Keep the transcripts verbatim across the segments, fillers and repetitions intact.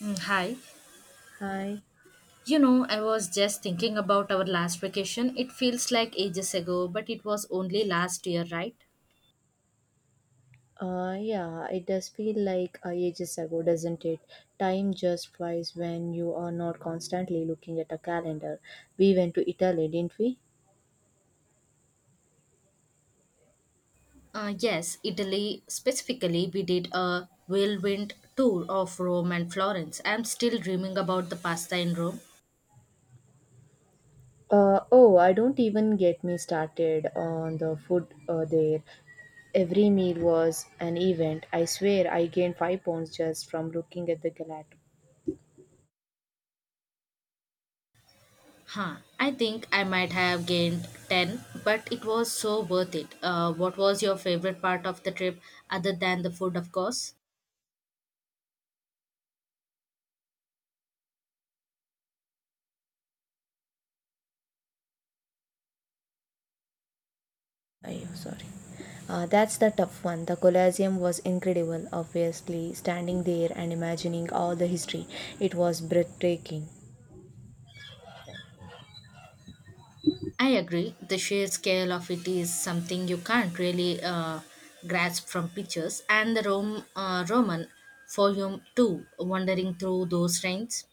Mm, hi. Hi. You know, I was just thinking about our last vacation. It feels like ages ago, but it was only last year, right? Uh, yeah, it does feel like uh, ages ago, doesn't it? Time just flies when you are not constantly looking at a calendar. We went to Italy, didn't we? Uh, yes, Italy specifically, we did a whirlwind tour of Rome and Florence. I'm still dreaming about the pasta in Rome. Uh, oh, I don't even get me started on the food uh, there. Every meal was an event. I swear I gained five pounds just from looking at the gelato. Huh. I think I might have gained ten, but it was so worth it. Uh, what was your favorite part of the trip, other than the food, of course? Ayo, sorry. Uh, that's the tough one. The Colosseum was incredible, obviously, standing there and imagining all the history. It was breathtaking. I agree. The sheer scale of it is something you can't really uh, grasp from pictures, and the Rome, uh, Roman Forum too, wandering through those trains.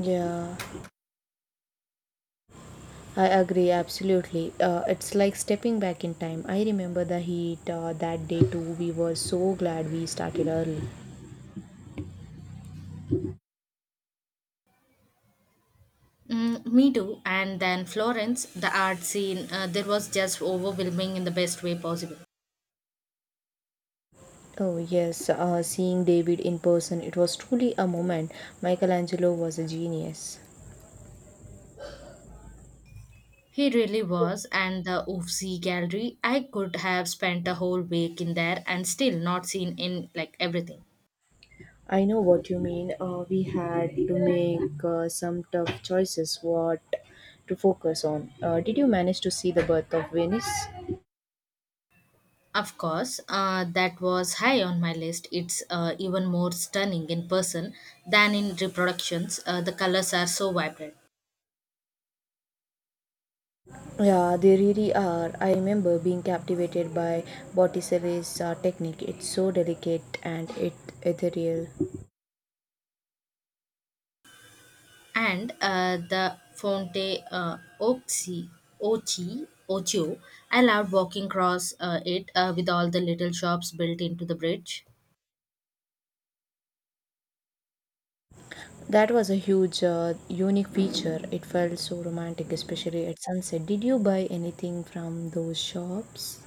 Yeah, I agree absolutely. Uh, it's like stepping back in time. I remember the heat uh, that day too. We were so glad we started early. Mm, me too. And then Florence, the art scene, uh, there was just overwhelming in the best way possible. Oh, yes, uh, seeing David in person, it was truly a moment. Michelangelo was a genius. He really was, and the Uffizi Gallery, I could have spent a whole week in there and still not seen in like everything. I know what you mean. Uh, we had to make uh, some tough choices what to focus on. Uh, did you manage to see the birth of Venus? Of course, uh, that was high on my list. It's uh, even more stunning in person than in reproductions. Uh, the colors are so vibrant. Yeah, they really are. I remember being captivated by Botticelli's uh, technique. It's so delicate and it ethereal. And uh, the Fonte uh, Oxy, Ochi, Ocho, I loved walking across uh, it uh, with all the little shops built into the bridge. That was a huge, uh, unique feature. It felt so romantic, especially at sunset. Did you buy anything from those shops?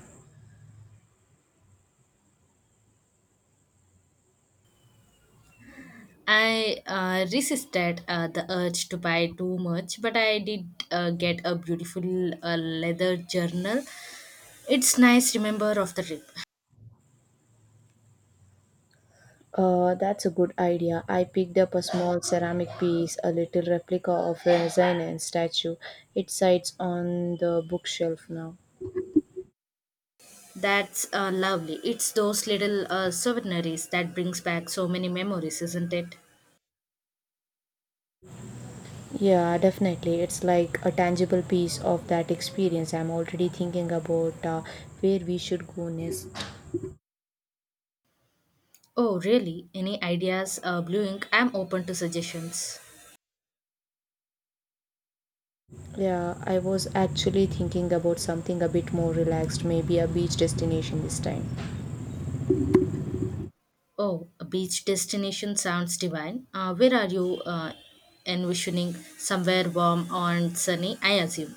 I uh, resisted uh, the urge to buy too much, but I did uh, get a beautiful uh, leather journal. It's nice remember of the trip. Uh, that's a good idea. I picked up a small ceramic piece, a little replica of a Renaissance statue. It sits on the bookshelf now. That's uh, lovely. It's those little uh, souvenirs that brings back so many memories, isn't it? Yeah, definitely. It's like a tangible piece of that experience. I'm already thinking about uh, where we should go next. Oh, really? Any ideas? Uh, Blue Ink, I'm open to suggestions. Yeah, I was actually thinking about something a bit more relaxed, maybe a beach destination this time. Oh, a beach destination sounds divine. Uh, where are you uh, envisioning? Somewhere warm and sunny, I assume.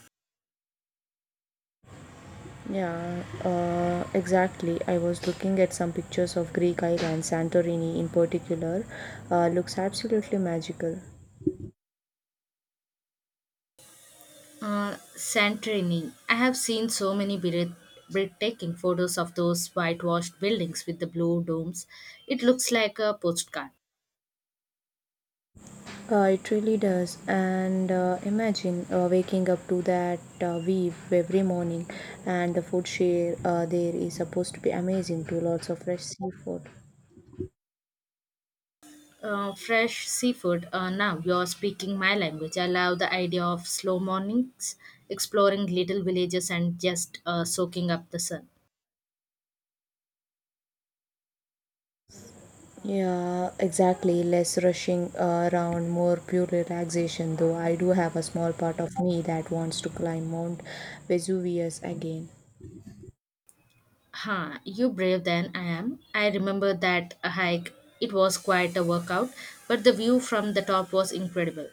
Yeah, uh, exactly. I was looking at some pictures of Greek islands, Santorini in particular. Uh, looks absolutely magical. Uh, Santorini. I have seen so many breath- breathtaking photos of those whitewashed buildings with the blue domes. It looks like a postcard. Uh, it really does. And uh, imagine uh, waking up to that uh, weave every morning, and the food share uh, there is supposed to be amazing too. Lots of fresh seafood. Uh, fresh seafood. Uh, now you're speaking my language. I love the idea of slow mornings, exploring little villages, and just uh, soaking up the sun. Yeah, exactly. Less rushing uh, around, more pure relaxation. Though I do have a small part of me that wants to climb Mount Vesuvius again. Huh, you brave than I am. I remember that hike. It was quite a workout, but the view from the top was incredible.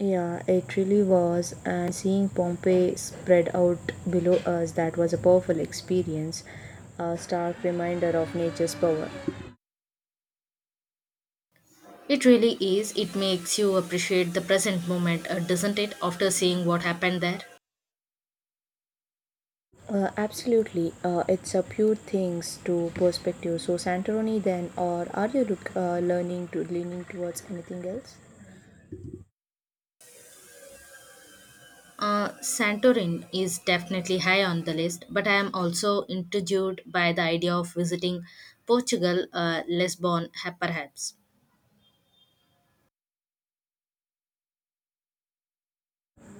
Yeah, it really was. And seeing Pompeii spread out below us, that was a powerful experience, a stark reminder of nature's power. It really is. It makes you appreciate the present moment, uh, doesn't it, after seeing what happened there? Uh, absolutely, uh, it's a pure things to perspective. So Santorini, then, or are you look, uh, learning to leaning towards anything else? Uh, Santorin is definitely high on the list, but I am also intrigued by the idea of visiting Portugal, uh, Lisbon, ha- perhaps.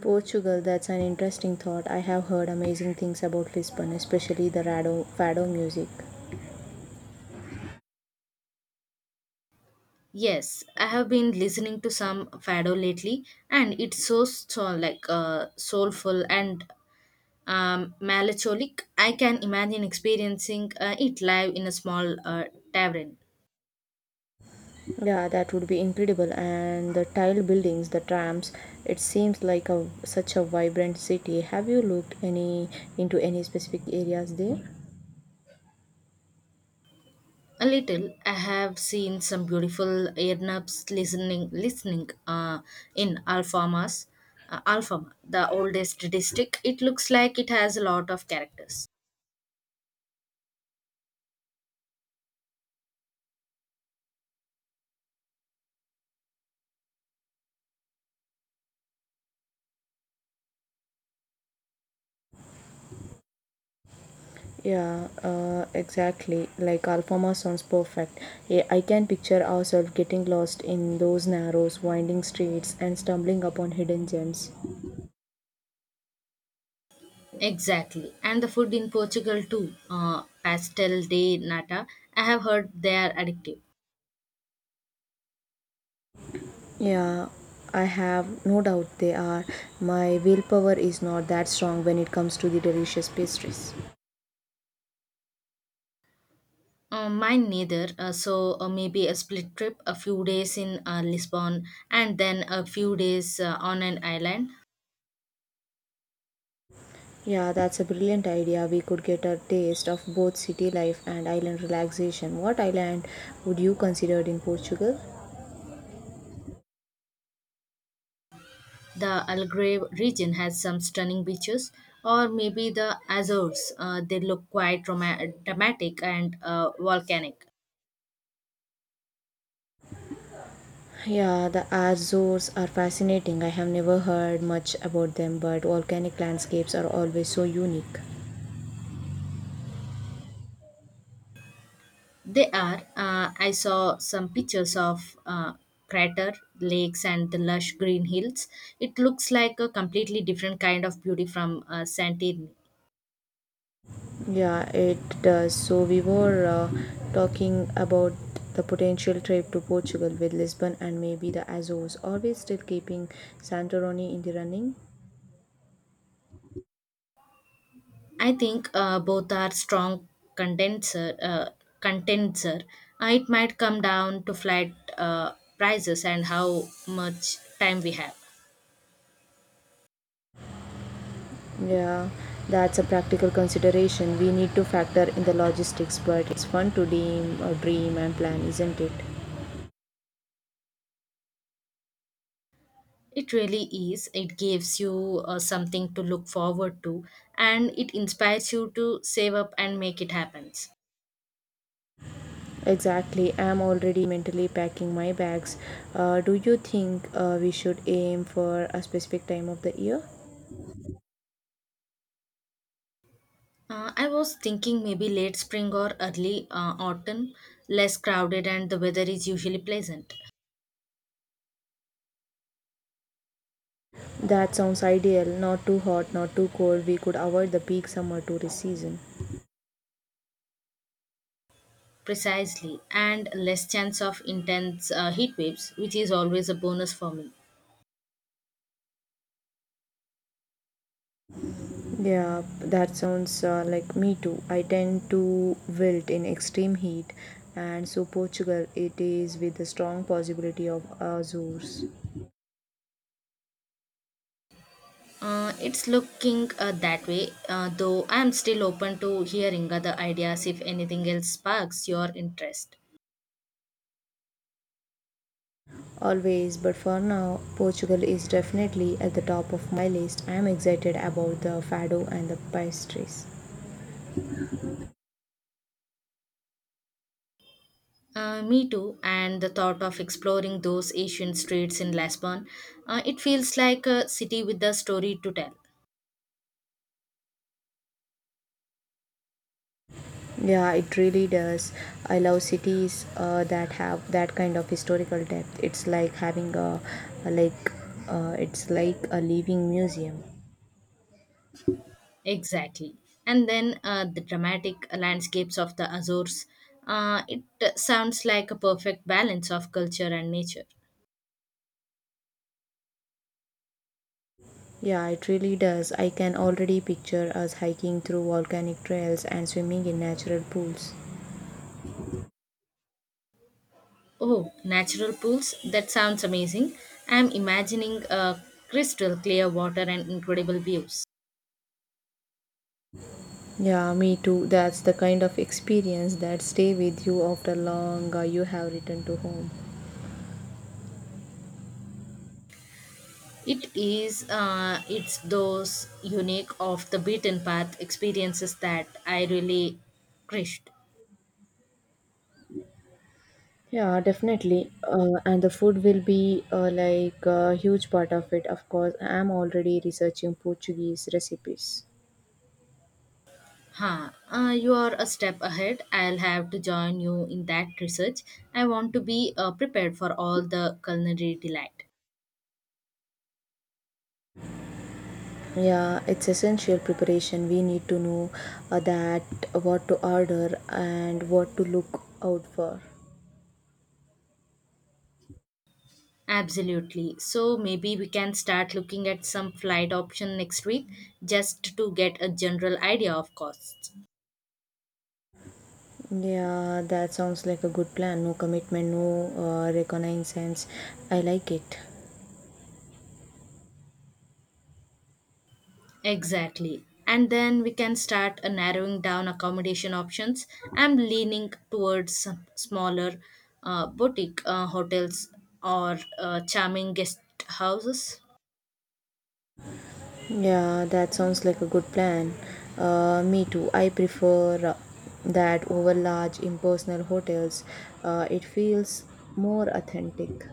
Portugal, that's an interesting thought. I have heard amazing things about Lisbon, especially the rado, fado music. Yes, I have been listening to some fado lately, and it's so, so like uh, soulful and um, melancholic. I can imagine experiencing uh, it live in a small uh, tavern. Yeah, that would be incredible. And the tile buildings, the trams. It seems like a such a vibrant city. Have you looked any into any specific areas there? A little. I have seen some beautiful earnabs listening listening uh, in Alfamas, uh, Alfama, the oldest district. It looks like it has a lot of characters. Yeah, uh, exactly. Like Alfama sounds perfect. Yeah, I can picture ourselves getting lost in those narrow, winding streets and stumbling upon hidden gems. Exactly, and the food in Portugal too. Uh, pastel de nata. I have heard they are addictive. Yeah, I have no doubt they are. My willpower is not that strong when it comes to the delicious pastries. Uh, mine neither. Uh, so uh, maybe a split trip, a few days in uh, Lisbon, and then a few days uh, on an island. Yeah, that's a brilliant idea. We could get a taste of both city life and island relaxation. What island would you consider in Portugal? The Algarve region has some stunning beaches, or maybe the Azores. Uh, they look quite drama- dramatic and uh, volcanic. Yeah, the Azores are fascinating. I have never heard much about them, but volcanic landscapes are always so unique. They are. Uh, I saw some pictures of uh, crater lakes and the lush green hills. It looks like a completely different kind of beauty from uh, Santorini. Yeah, it does. So, we were uh, talking about the potential trip to Portugal with Lisbon and maybe the Azores. Are we still keeping Santorini in the running? I think uh, both are strong condenser. Uh, condenser. Uh, it might come down to flat uh, prices and how much time we have. Yeah, that's a practical consideration. We need to factor in the logistics, but it's fun to dream, uh, dream and plan, isn't it? It really is. It gives you uh, something to look forward to and it inspires you to save up and make it happen. Exactly, I'm already mentally packing my bags. Uh, do you think uh, we should aim for a specific time of the year? Uh, I was thinking maybe late spring or early uh, autumn, less crowded and the weather is usually pleasant. That sounds ideal. Not too hot, not too cold. We could avoid the peak summer tourist season. Precisely, and less chance of intense uh, heat waves, which is always a bonus for me. Yeah, that sounds uh, like me too. I tend to wilt in extreme heat, and so Portugal it is with the strong possibility of Azores. Uh, it's looking uh, that way, uh, though I am still open to hearing other ideas if anything else sparks your interest. Always, but for now, Portugal is definitely at the top of my list. I am excited about the fado and the pastries. Uh, me too, and the thought of exploring those ancient streets in Lisbon, uh, it feels like a city with a story to tell. Yeah, it really does. I love cities uh, that have that kind of historical depth. It's like having a, a like, uh, it's like a living museum. Exactly. And then uh, the dramatic landscapes of the Azores, uh, it uh, sounds like a perfect balance of culture and nature. Yeah, it really does. I can already picture us hiking through volcanic trails and swimming in natural pools. Oh, natural pools, that sounds amazing. I'm imagining uh, crystal clear water and incredible views. Yeah, me too. That's the kind of experience that stay with you after long uh, you have returned to home. It is, uh, it's those unique off the beaten path experiences that I really crushed. Yeah, definitely. Uh, and the food will be uh, like a huge part of it. Of course, I am already researching Portuguese recipes. Huh. Uh, you are a step ahead. I'll have to join you in that research. I want to be uh, prepared for all the culinary delight. Yeah, it's essential preparation. We need to know uh, that what to order and what to look out for. Absolutely. So maybe we can start looking at some flight option next week just to get a general idea of costs. Yeah, that sounds like a good plan. No commitment, no uh, reconnaissance. I like it. Exactly. And then we can start uh, narrowing down accommodation options. I'm leaning towards some smaller uh, boutique uh, hotels or uh, charming guest houses. Yeah, that sounds like a good plan. Uh, me too. I prefer uh, that over large impersonal hotels. Uh, it feels more authentic.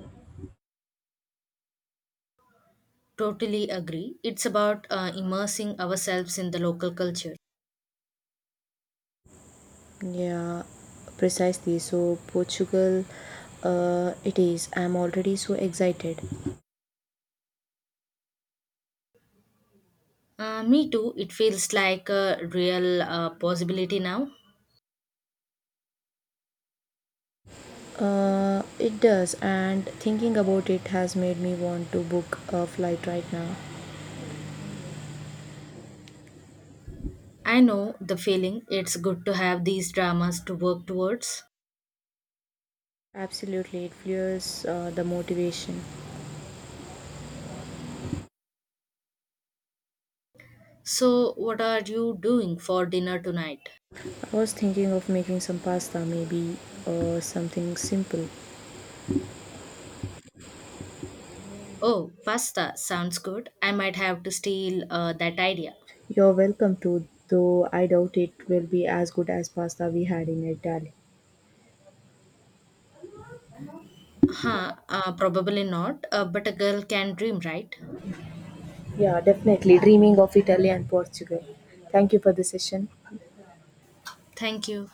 Totally agree. It's about uh, immersing ourselves in the local culture. Yeah, precisely. So Portugal, uh, it is. I'm already so excited. Uh, me too. It feels like a real uh, possibility now. Uh, it does, and thinking about it has made me want to book a flight right now. I know the feeling. It's good to have these dramas to work towards. Absolutely, it fuels uh, the motivation. So, what are you doing for dinner tonight? I was thinking of making some pasta, maybe uh, something simple. Oh, pasta sounds good. I might have to steal uh, that idea. You're welcome to, though I doubt it will be as good as pasta we had in Italy. Huh, uh, probably not, uh, but a girl can dream, right? Yeah, definitely. Dreaming of Italy and Portugal. Thank you for the session. Thank you.